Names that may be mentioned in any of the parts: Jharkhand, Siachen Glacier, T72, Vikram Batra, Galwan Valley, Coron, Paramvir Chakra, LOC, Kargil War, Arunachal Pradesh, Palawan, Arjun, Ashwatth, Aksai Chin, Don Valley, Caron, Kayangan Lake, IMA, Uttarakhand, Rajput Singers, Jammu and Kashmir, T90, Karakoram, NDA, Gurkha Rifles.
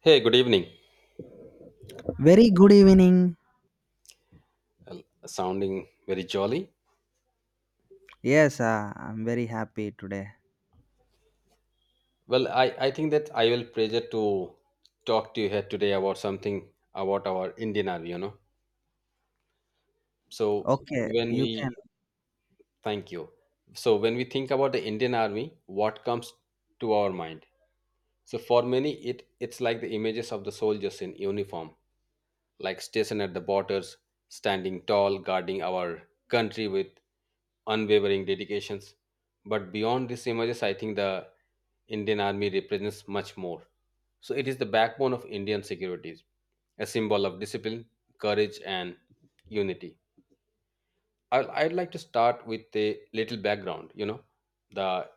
Hey, good evening. Very good evening. Well, sounding very jolly. Yes, I'm very happy today. Well, I think that I will pleasure to talk to you here today about something about our Indian Army, you know. So Okay, when you can. we thank you. So when we think about the Indian Army, what comes to our mind? So for many it's like the images of the soldiers in uniform like stationed at the borders, standing tall, guarding our country with unwavering dedications. But beyond these images, I think the Indian Army represents much more. So it is the backbone of Indian securities, a symbol of discipline, courage, and unity. I'd like to start with a little background. You know, the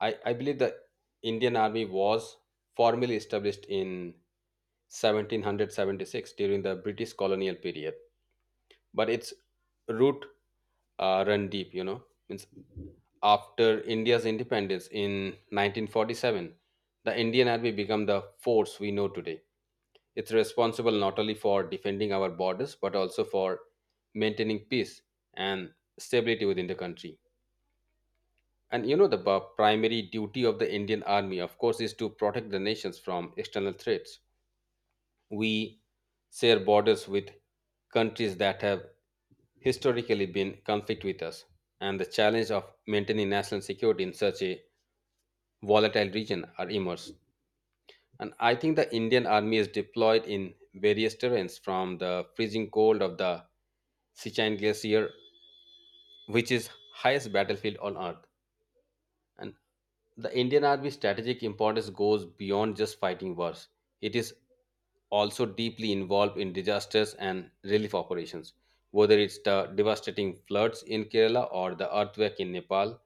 I believe the Indian Army was formally established in 1776 during the British colonial period, but its root run deep, you know. Means after India's independence in 1947, the Indian Army became the force we know today. It's responsible not only for defending our borders but also for maintaining peace and stability within the country. And you know, the primary duty of the Indian Army, of course, is to protect the nations from external threats. We share borders with countries that have historically been conflict with us, and the challenge of maintaining national security in such a volatile region are immense. And I think the Indian Army is deployed in various terrains from the freezing cold of the Sichuan Glacier, which is highest battlefield on Earth, and the Indian Army's strategic importance goes beyond just fighting wars. It is also deeply involved in disasters and relief operations, whether it's the devastating floods in Kerala or the earthquake in Nepal.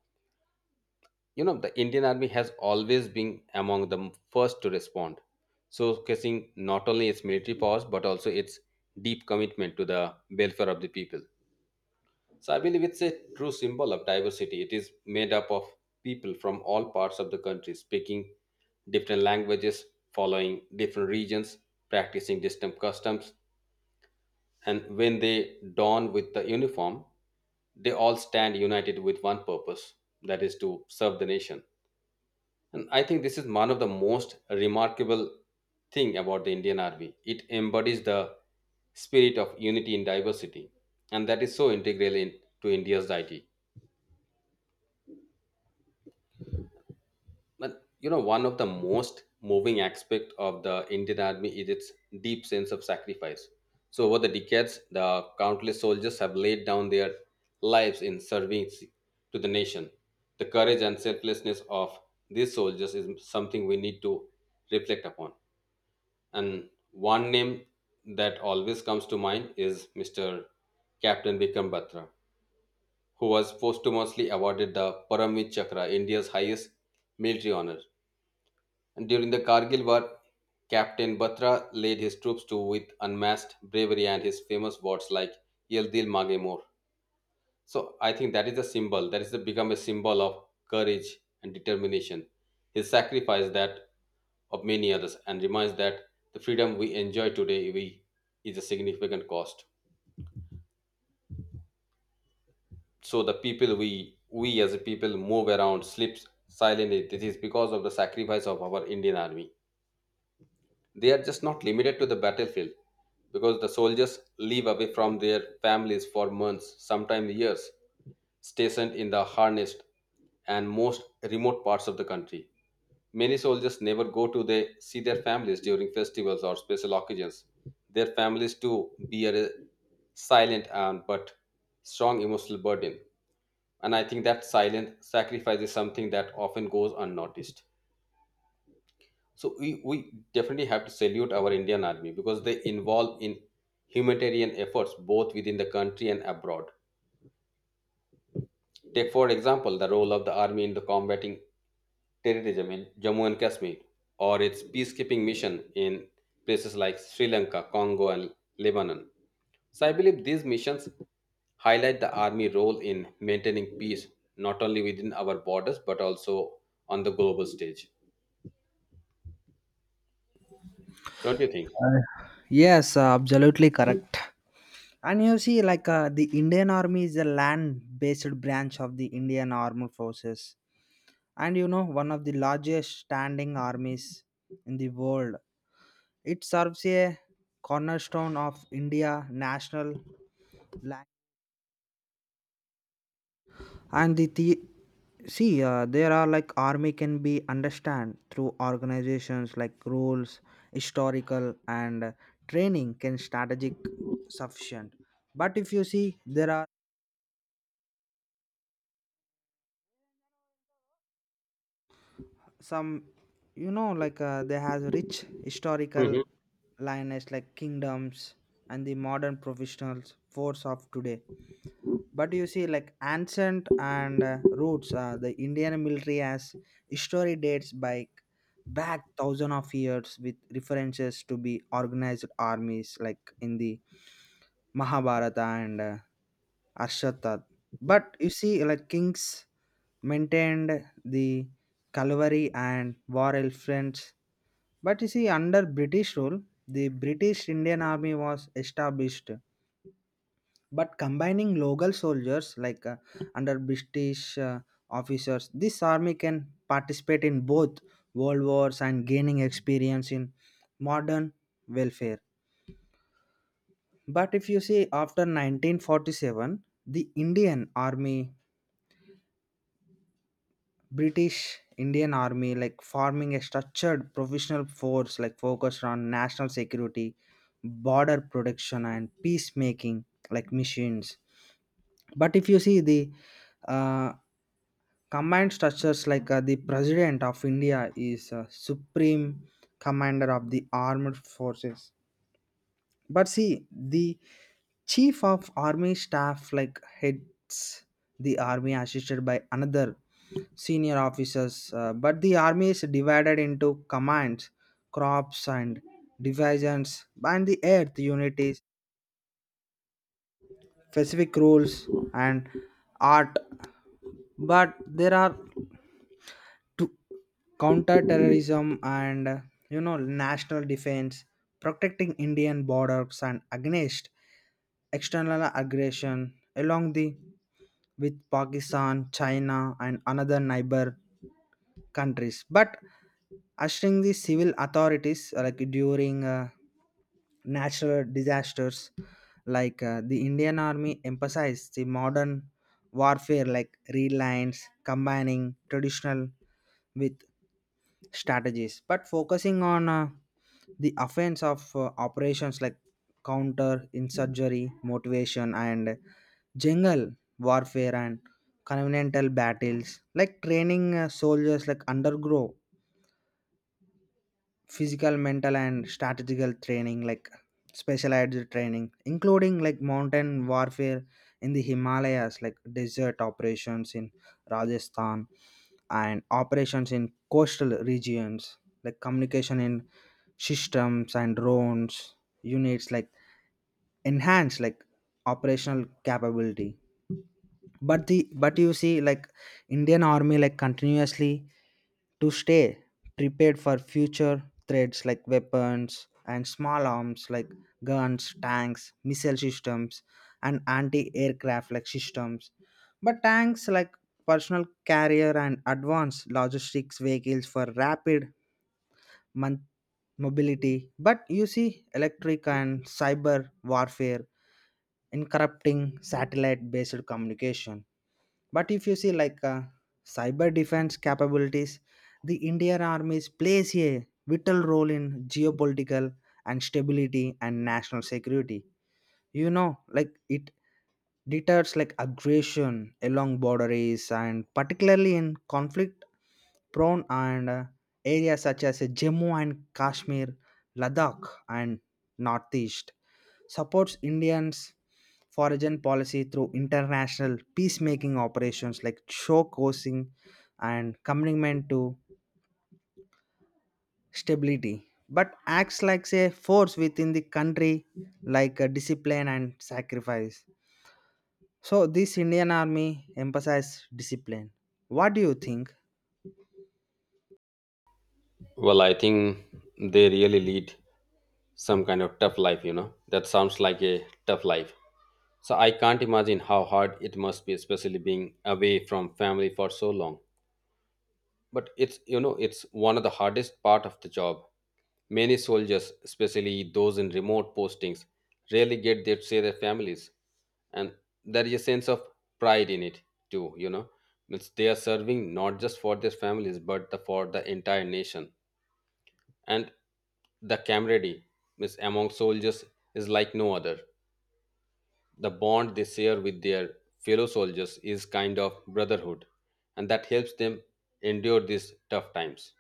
You know, the Indian Army has always been among the first to respond, showcasing not only its military powers but also its deep commitment to the welfare of the people. So I believe it's a true symbol of diversity. It is made up of people from all parts of the country, speaking different languages, following different regions, practicing distant customs, and when they don with the uniform, they all stand united with one purpose, that is to serve the nation. And I think this is one of the most remarkable thing about the Indian Army. It embodies the spirit of unity in diversity, and that is so integral in, to India's idea. But you know, one of the most moving aspect of the Indian Army is its deep sense of sacrifice. So over the decades, the countless soldiers have laid down their lives in service to the nation. The courage and selflessness of these soldiers is something we need to reflect upon. And one name that always comes to mind is Mr. Captain Vikram Batra, who was posthumously awarded the Paramvir Chakra, India's highest military honor. During the Kargil War, Captain Batra led his troops to with unmatched bravery and his famous words like "Yel Dil Mange More." So I think that is a symbol. That is the become a symbol of courage and determination. His sacrifice that of many others and reminds that the freedom we enjoy today we is a significant cost. So the people we as a people move around, sleep silently. This is because of the sacrifice of our Indian army. They are just not limited to the battlefield, because the soldiers live away from their families for months, sometimes years, stationed in the harnessed and most remote parts of the country. Many soldiers never go to they see their families during festivals or special occasions. Their families too bear a silent and but strong emotional burden. And I think that silent sacrifice is something that often goes unnoticed. So we definitely have to salute our Indian army because they involve in humanitarian efforts both within the country and abroad. Take for example the role of the army in the combating terrorism in Jammu and Kashmir or its peacekeeping mission in places like Sri Lanka, Congo and Lebanon. So I believe these missions highlight the army role in maintaining peace not only within our borders but also on the global stage. Don't you think? Uh, Yes, absolutely correct. And you see, like the Indian Army is a land-based branch of the Indian Armed Forces, and you know one of the largest standing armies in the world. It serves a cornerstone of India national. Land. And the see there are like army can be understand through organizations like rules historical and training can strategic sufficient, but if you see there are some you know like they has rich historical Mhm. lioness like kingdoms and the modern professionals force of today, but you see like ancient and roots the indian military has history dates by back thousand of years with references to be organized armies like in the mahabharata and Ashwatth. But you see, like kings maintained the cavalry and war elephants, but you see, under British rule, the British Indian Army was established, but combining local soldiers like under British officers, this army can participate in both world wars and gaining experience in modern welfare. But if you see, after 1947, the Indian Army British Indian Army like forming a structured professional force like focused on national security, border protection and peacemaking like missions. But if you see the uh, command structures like the President of India is Supreme Commander of the Armed Forces, but see, the chief of army staff like heads the army assisted by another senior officers. But the army is divided into commands, crops, and divisions, and the earth unities, specific rules, and art. But there are two. Counterterrorism and you know national defense protecting indian borders and against external aggression along the with pakistan china and another neighbor countries, but ushering the civil authorities like during natural disasters like the indian army emphasized the modern warfare like reliance combining traditional with strategies but focusing on the offense of operations like counter insurgery motivation and jungle warfare and continental battles like training soldiers like undergrow physical mental and strategical training like specialized training including like mountain warfare in the himalayas like desert operations in rajasthan and operations in coastal regions like communication in systems and drones units like enhance like operational capability, but the but you see like indian army like continuously to stay prepared for future threats like weapons and small arms like guns tanks missile systems and anti-aircraft like systems, but tanks like personal carrier and advanced logistics vehicles for rapid mon- mobility, but you see electric and cyber warfare in satellite based communication, but if you see like cyber defense capabilities, the indian armies plays a vital role in geopolitical and stability and national security. You know like it deters like aggression along borders and particularly in conflict prone and areas such as Jammu and Kashmir, Ladakh, and Northeast supports Indians foreign policy through international peacemaking operations like showcasing and commitment to stability, but acts like a force within the country like a discipline and sacrifice. So this Indian army emphasized discipline. What do you think? Well, I think they really lead some kind of tough life, you know. That sounds like a tough life. So I can't imagine how hard it must be, especially being away from family for so long. But it's, you know, it's one of the hardest part of the job. Many soldiers, especially those in remote postings, rarely get their see their families. And there is a sense of pride in it too, you know. Means they are serving not just for their families, but the, for the entire nation. And the camaraderie means among soldiers is like no other. The bond they share with their fellow soldiers is kind of brotherhood, and that helps them endure these tough times.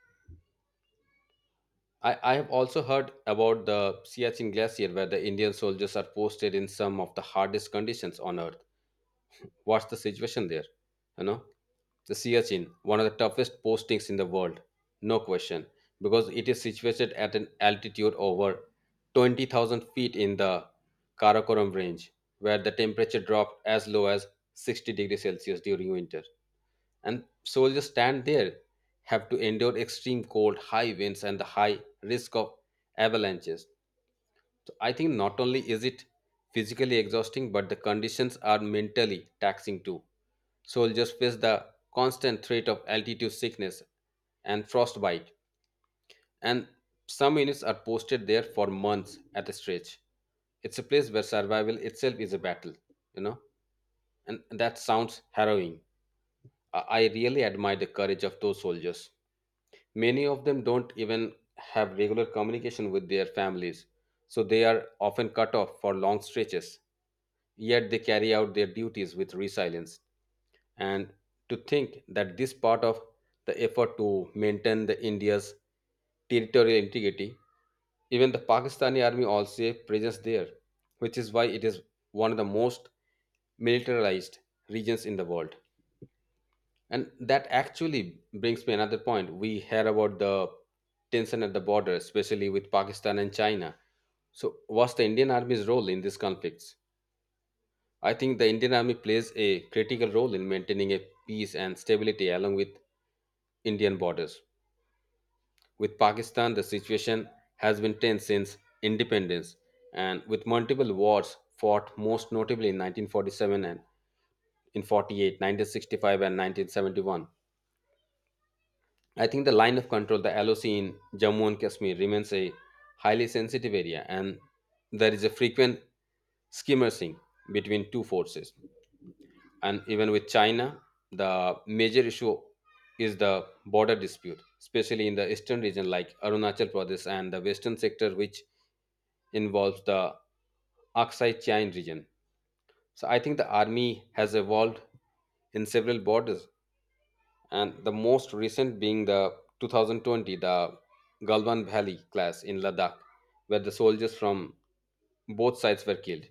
I have also heard about the Siachen Glacier where the Indian soldiers are posted in some of the hardest conditions on Earth. What's the situation there, you know? The Siachen, one of the toughest postings in the world, no question, because it is situated at an altitude over 20,000 feet in the Karakoram range, where the temperature dropped as low as 60 degrees Celsius during winter. And soldiers stand there, have to endure extreme cold, high winds, and the high risk of avalanches. So I think not only is it physically exhausting, but the conditions are mentally taxing too. Soldiers face the constant threat of altitude sickness and frostbite, and some units are posted there for months at a stretch. It's a place where survival itself is a battle, you know, and that sounds harrowing. I really admire the courage of those soldiers. Many of them don't even have regular communication with their families, so they are often cut off for long stretches. Yet they carry out their duties with resilience. And to think that this part of the effort to maintain the India's territorial integrity, even the Pakistani army also a presence there, which is why it is one of the most militarized regions in the world. And that actually brings me another point. We hear about the tension at the border, especially with Pakistan and China. So, what's the Indian Army's role in these conflicts? I think the Indian Army plays a critical role in maintaining a peace and stability along with Indian borders. With Pakistan, the situation has been tense since independence, and with multiple wars fought, most notably in 1947 and in 48, 1965, and 1971. I think the line of control, the LOC in Jammu and Kashmir, remains a highly sensitive area, and there is a frequent skirmishing between two forces. And even with China, the major issue is the border dispute, especially in the eastern region like Arunachal Pradesh and the western sector, which involves the Aksai Chain region. So I think the army has evolved in several borders and the most recent being the 2020 the Galwan Valley class in Ladakh, where the soldiers from both sides were killed.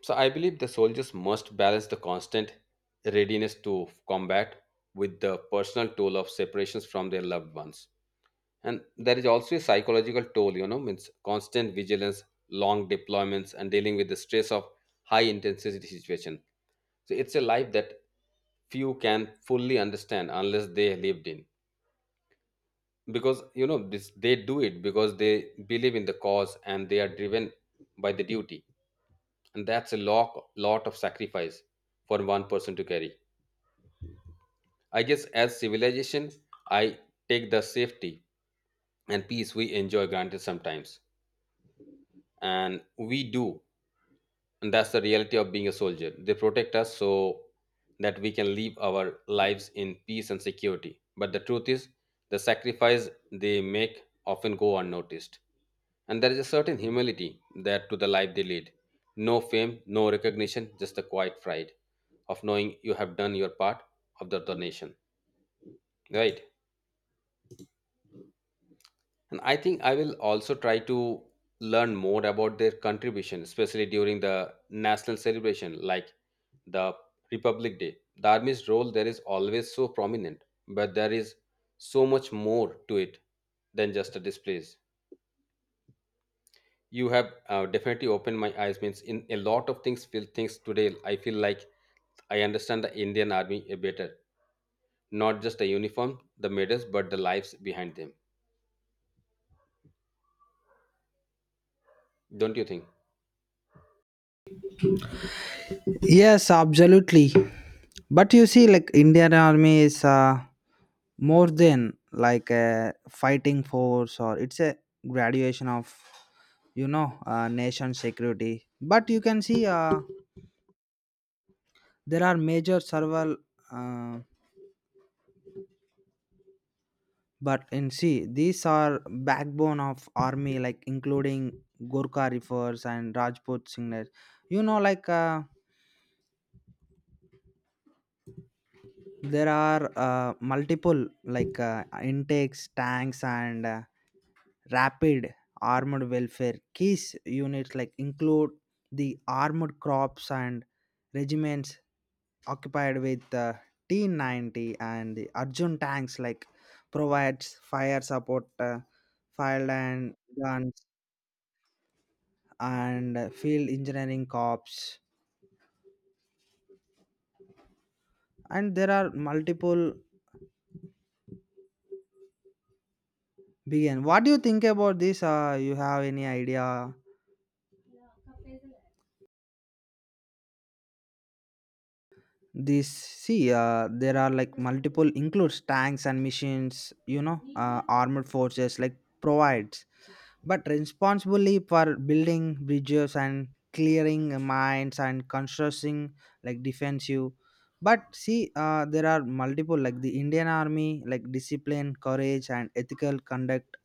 So I believe the soldiers must balance the constant readiness to combat with the personal toll of separations from their loved ones. And there is also a psychological toll, you know, means constant vigilance, long deployments, and dealing with the stress of high intensity situation. So it's a life that few can fully understand unless they lived in. Because you know this they do it because they believe in the cause and they are driven by the duty, and that's a lot of sacrifice for one person to carry. I guess as civilization I take the safety and peace we enjoy granted sometimes, and we do. And that's the reality of being a soldier. They protect us so that we can live our lives in peace and security. But the truth is, the sacrifice they make often go unnoticed. And there is a certain humility that to the life they lead. No fame, no recognition, just the quiet pride of knowing you have done your part of the donation. Right? And I think I will also try to learn more about their contribution, especially during the national celebration like the Republic Day. The army's role there is always so prominent, but there is so much more to it than just a displays. You have definitely opened my eyes. Means in a lot of things, feel things today. I feel like I understand the Indian army a better, not just the uniform, the medals, but the lives behind them. Don't you think? Yes, absolutely. But you see, like Indian army is more than like a fighting force or it's a graduation of you know nation security. But you can see there are major several. Uh, but in see these are backbone of army like including Gurkha Rifles and Rajput Singers. You know like there are multiple like intakes, tanks and. Rapid armored welfare case units like include the armored crops and regiments occupied with the T90 and the Arjun tanks like provides fire support, fire and guns and field engineering corps and there are multiple begin. What do you think about this? You have any idea? This see there are like multiple includes tanks and machines, you know armored forces like provides but responsibly for building bridges and clearing mines and constructing like defensive, but see there are multiple like the indian army like discipline courage and ethical conduct,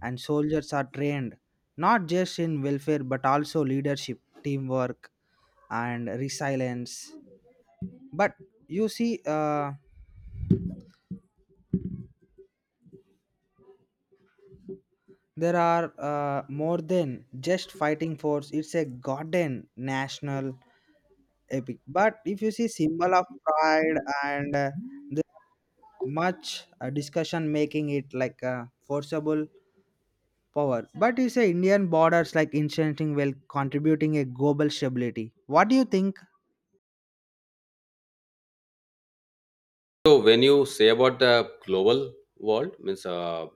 and soldiers are trained not just in welfare but also leadership teamwork and resilience. But you see there are more than just fighting force, it's a goddamn national epic, but if you see symbol of pride and the much discussion making it like a forcible power, but you say indian borders like incenting well contributing a global stability. What do you think? So when you say about the global world, means uh,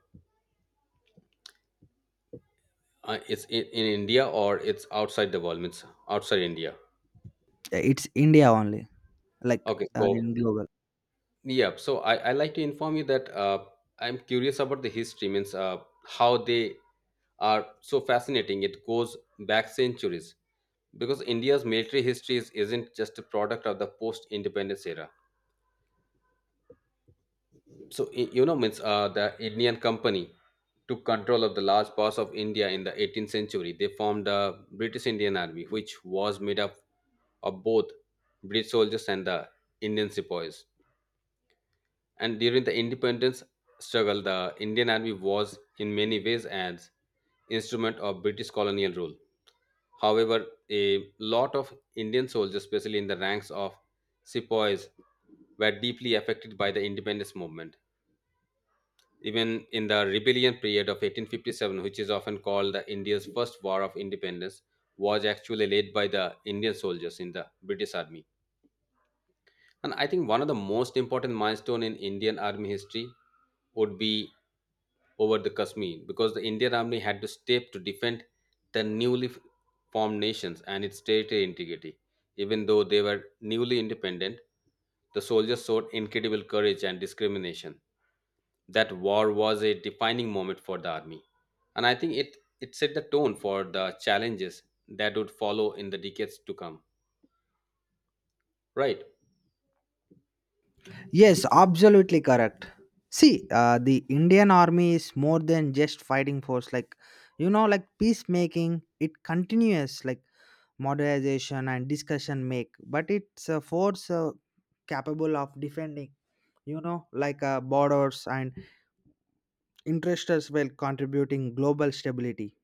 uh, it's in India or it's outside the world, means outside India. It's india only, like Okay, in so global. yeah, so I like to inform you that I'm curious about the history, means how they are so fascinating. It goes back centuries because India's military history isn't just a product of the post-independence era. So I- you know means The Indian company took control of the large parts of india in the 18th century. They formed the british indian army, which was made up of both british soldiers and the indian sepoys. And during the independence struggle, the indian army was in many ways an instrument of british colonial rule. However, a lot of indian soldiers, especially in the ranks of sepoys, were deeply affected by the independence movement. Even in the rebellion period of 1857, which is often called the India's first war of independence, was actually led by the Indian soldiers in the British Army. And I think one of the most important milestone in Indian Army history would be over the Kashmir, because the Indian Army had to step to defend the formed nations and its territory integrity. Even though they were newly independent, the soldiers showed incredible courage and discrimination. That war was a defining moment for the army, and I think it set the tone for the challenges that would follow in the decades to come, right? Yes, absolutely correct. See, the Indian army is more than just fighting force. Like, you know, like peacemaking, it continues like modernization and discussion make, but it's a force capable of defending. You know, like borders and interests while contributing global stability.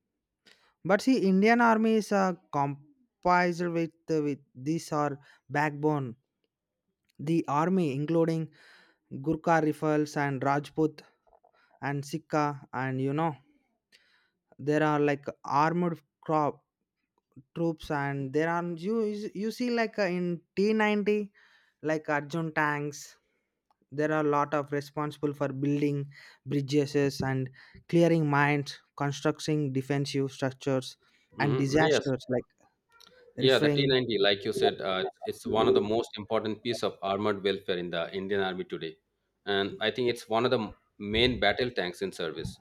But see, Indian army is composed with these are backbone the army including Gurkha rifles and Rajput and Sikha, and you know there are like armored crop troops, and there are you see like in T90 like Arjun tanks. There are a lot of responsible for building bridges and clearing mines constructing defensive structures and Hmm, yes. disasters like Yeah, the referring. T-90, like you said, it's one of the most important piece of armored welfare in the indian army today. And I think it's one of the main battle tanks in service.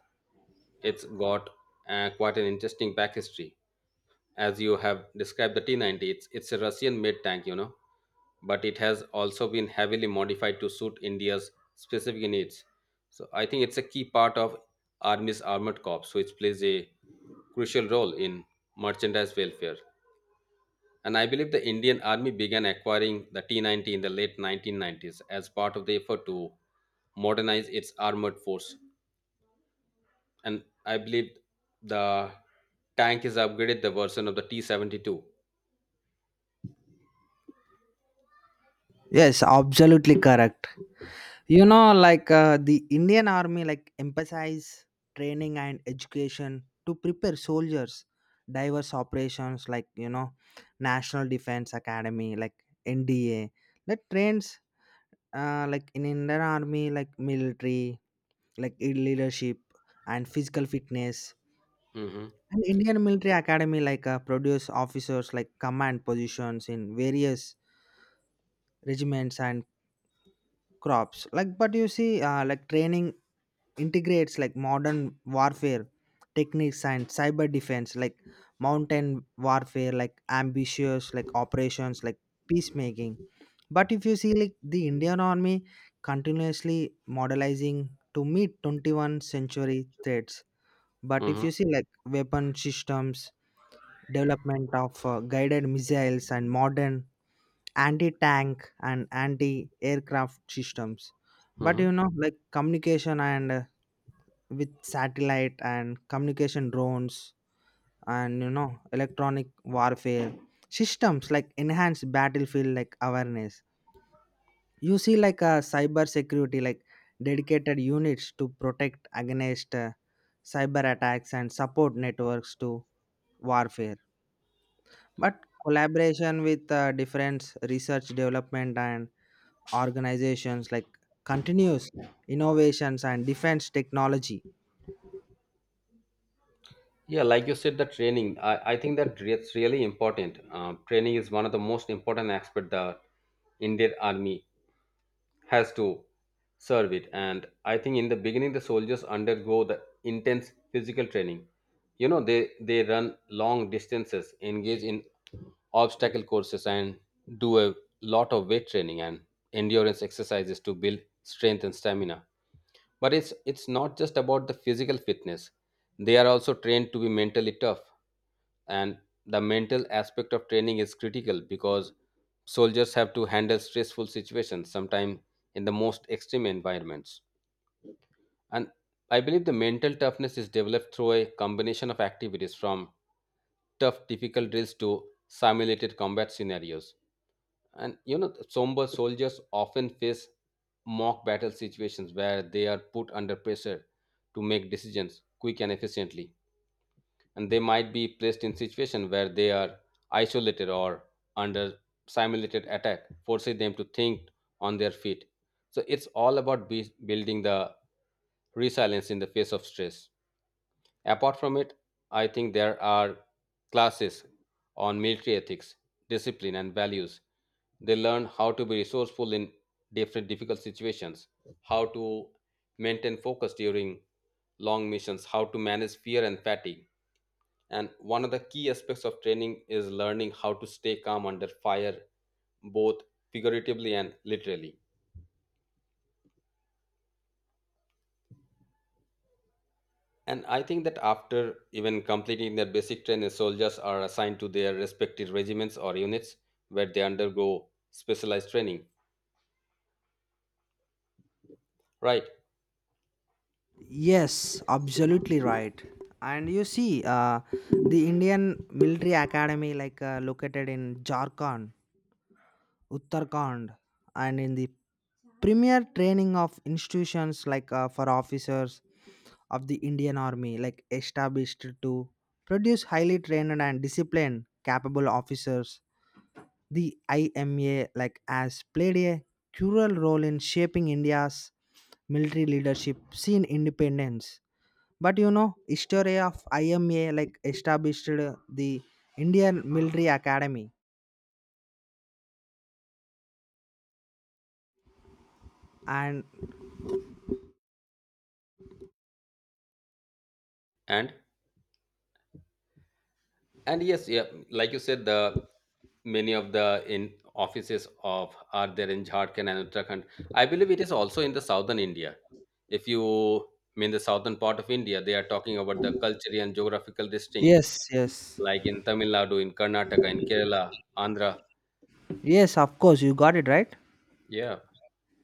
It's got quite an interesting back history. As you have described the T-90, it's a russian made tank, you know, but it has also been heavily modified to suit India's specific needs. So I think it's a key part of Army's armored corps, which plays a crucial role in merchandise welfare. And I believe the Indian Army began acquiring the T-90 in the late 1990s as part of the effort to modernize its armored force. And I believe the tank is upgraded the version of the T-72. Yes, absolutely correct. You know, like the Indian Army, like emphasize training and education to prepare soldiers. Diverse operations, like you know, National Defense Academy, like NDA, that trains like in Indian Army, like military, like leadership and physical fitness. Hmm. And Indian Military Academy, like produce officers like command positions in various regiments and crops. Like, but you see, like training integrates like modern warfare techniques and cyber defense like mountain warfare like ambitious like operations like peacemaking, but if you see like the indian army continuously modelizing to meet 21st century threats, but if Hmm. you see like weapon systems development of guided missiles and modern anti-tank and anti-aircraft systems, but Hmm. you know like communication and with satellite and communication drones, and you know electronic warfare systems like enhanced battlefield like awareness. You see like a cyber security like dedicated units to protect against cyber attacks and support networks to warfare, but collaboration with different research development and organizations like continuous innovations and defense technology. Yeah, like you said, the training. I think that it's really important. Training is one of the most important aspect the Indian army has to serve it. And I think in the beginning, the soldiers undergo the intense physical training. You know, they run long distances, engage in obstacle courses, and do a lot of weight training and endurance exercises to build strength and stamina. But it's not just about the physical fitness. They are also trained to be mentally tough. And the mental aspect of training is critical because soldiers have to handle stressful situations, sometimes in the most extreme environments. And I believe the mental toughness is developed through a combination of activities, from tough, difficult drills to simulated combat scenarios. And you know, somber soldiers often face mock battle situations where they are put under pressure to make decisions quick and efficiently. And they might be placed in situations where they are isolated or under simulated attack, forcing them to think on their feet. So it's all about building the resilience in the face of stress. Apart from it, I think there are classes on military ethics, discipline, and values. They learn how to be resourceful in different difficult situations, how to maintain focus during long missions, how to manage fear and fatigue. And one of the key aspects of training is learning how to stay calm under fire, both figuratively and literally. And I think that after even completing their basic training, soldiers are assigned to their respective regiments or units where they undergo specialized training. Right. Yes, absolutely right. And you see, the Indian Military Academy, like located in Jharkhand, Uttarakhand, and in the premier training of institutions like for officers of the Indian Army, like established to produce highly trained and disciplined, capable officers. The IMA, like, has played a crucial role in shaping India's military leadership since independence, but you know, history of IMA like established the Indian Military Academy and And and yes, yeah, like you said, the many of the in offices of are there in Jharkhand and Uttarakhand. I believe it is also in the southern India. If you mean the southern part of India, they are talking about the cultural and geographical distinct, yes, yes, like in Tamil Nadu, in Karnataka, in Kerala, Andhra. yes, of course, you got it right. Yeah.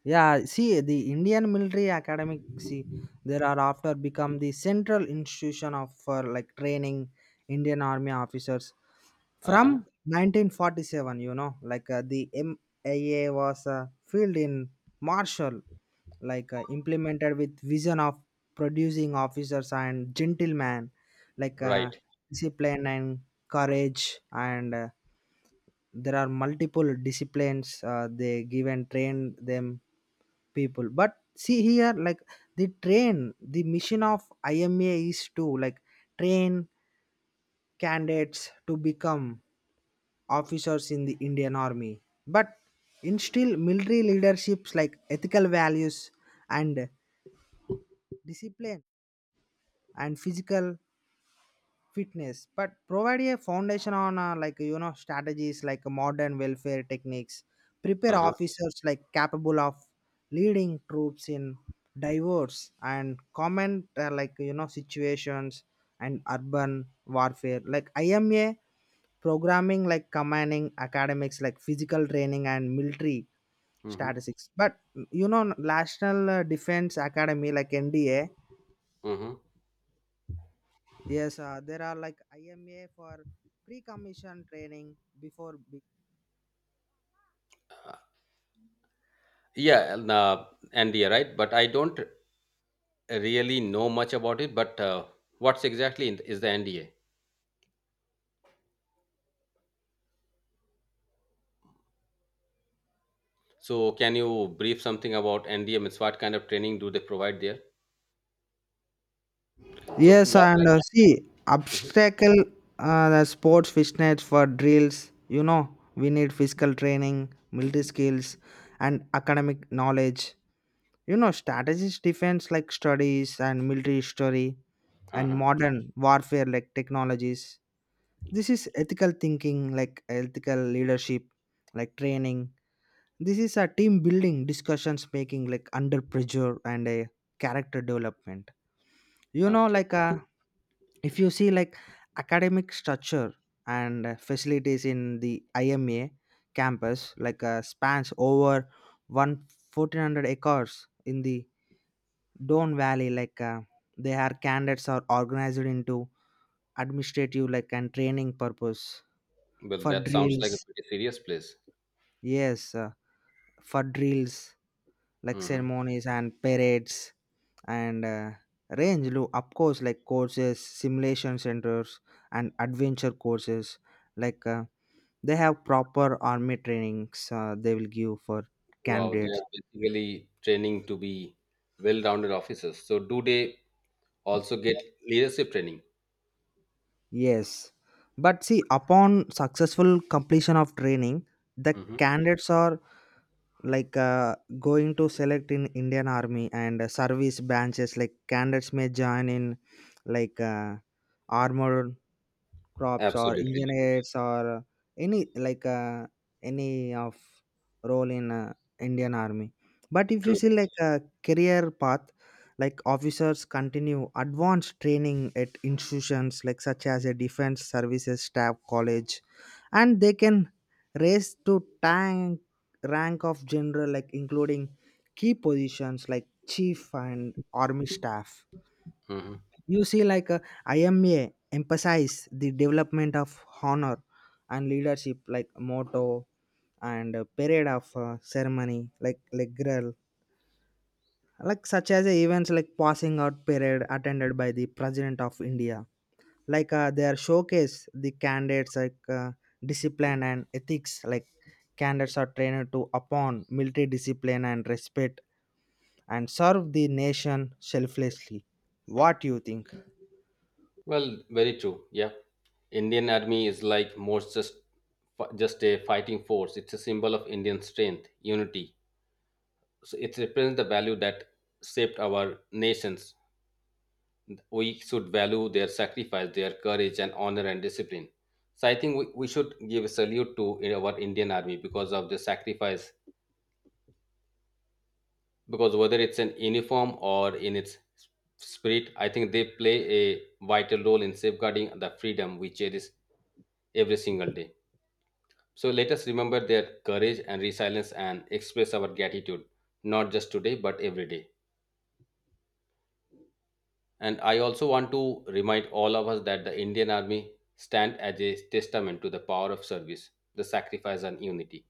Yeah, see, the Indian Military Academy, see, there are after become the central institution of for like training Indian Army officers. Uh From huh. 1947, you know, like the MIA was filled in Marshall, like implemented with vision of producing officers and gentlemen, like Right. discipline and courage. And there are multiple disciplines they give and train them people, but see here like the train the mission of ima is to like train candidates to become officers in the Indian Army, but instill military leaderships like ethical values and discipline and physical fitness, but provide a foundation on like you know strategies like modern welfare techniques prepare Uh huh. officers like capable of leading troops in diverse and common like you know situations and urban warfare like ima programming like commanding academics like physical training and military Mm-hmm. statistics, but you know national defense academy like nda. Mm-hmm. Yes, there are like IMA for pre-commission training before. Yeah, and, NDA, right? But I don't really know much about it. But what's exactly is the NDA? So, can you brief something about NDA? Means what kind of training do they provide there? So, Yes, what? and see I. Mhm. obstacle the sports fitness for drills. You know, we need physical training, military skills, and academic knowledge. You know, strategies, defense like studies and military history and Uh-huh. modern warfare like technologies. This is ethical thinking, like ethical leadership, like training. This is a team building discussions making like under pressure and a character development. You know, Okay. like a if you see like academic structure and facilities in the IMA campus like spans over one 1400 acres in the Don Valley, like they are candidates are organized into administrative like and training purpose Well, for that sounds like drills. a pretty serious place. Yes, for drills like Mm-hmm. ceremonies and parades, and range of course like courses simulation centers and adventure courses like they have proper army trainings they will give for Wow, they candidates. are basically training to be well-rounded officers. So, do they also get leadership training? Yes, but see upon successful completion of training the Mm-hmm. candidates are like going to select in indian army and service branches like candidates may join in like armored crops or Absolutely engineers or any like any of role in indian army, but if you true. see like a career path like officers continue advanced training at institutions like such as a defense services staff college, and they can raise to tank rank of general like including key positions like chief and army staff. Mhm. You see like ima emphasize the development of honor and leadership like motto and period of ceremony like legrel like such as events like passing out parade attended by the president of india, like they are showcase the candidates like discipline and ethics like candidates are trained to upon military discipline and respect and serve the nation selflessly. What you think? Well, very true. Yeah, Indian Army is like more just a fighting force. It's a symbol of Indian strength, unity. So it represents the value that shaped our nations. We should value their sacrifice, their courage, and honor and discipline. So I think we should give a salute to our Indian Army because of the sacrifice. Because whether it's in uniform or in its spirit, I think they play a vital role in safeguarding the freedom we cherish every single day. So let us remember their courage and resilience and express our gratitude, not just today, but every day. And I also want to remind all of us that the Indian Army stand as a testament to the power of service, the sacrifice and unity.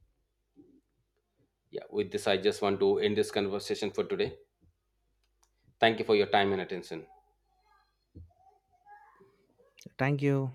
Yeah, with this, I just want to end this conversation for today. Thank you for your time and attention. Thank you.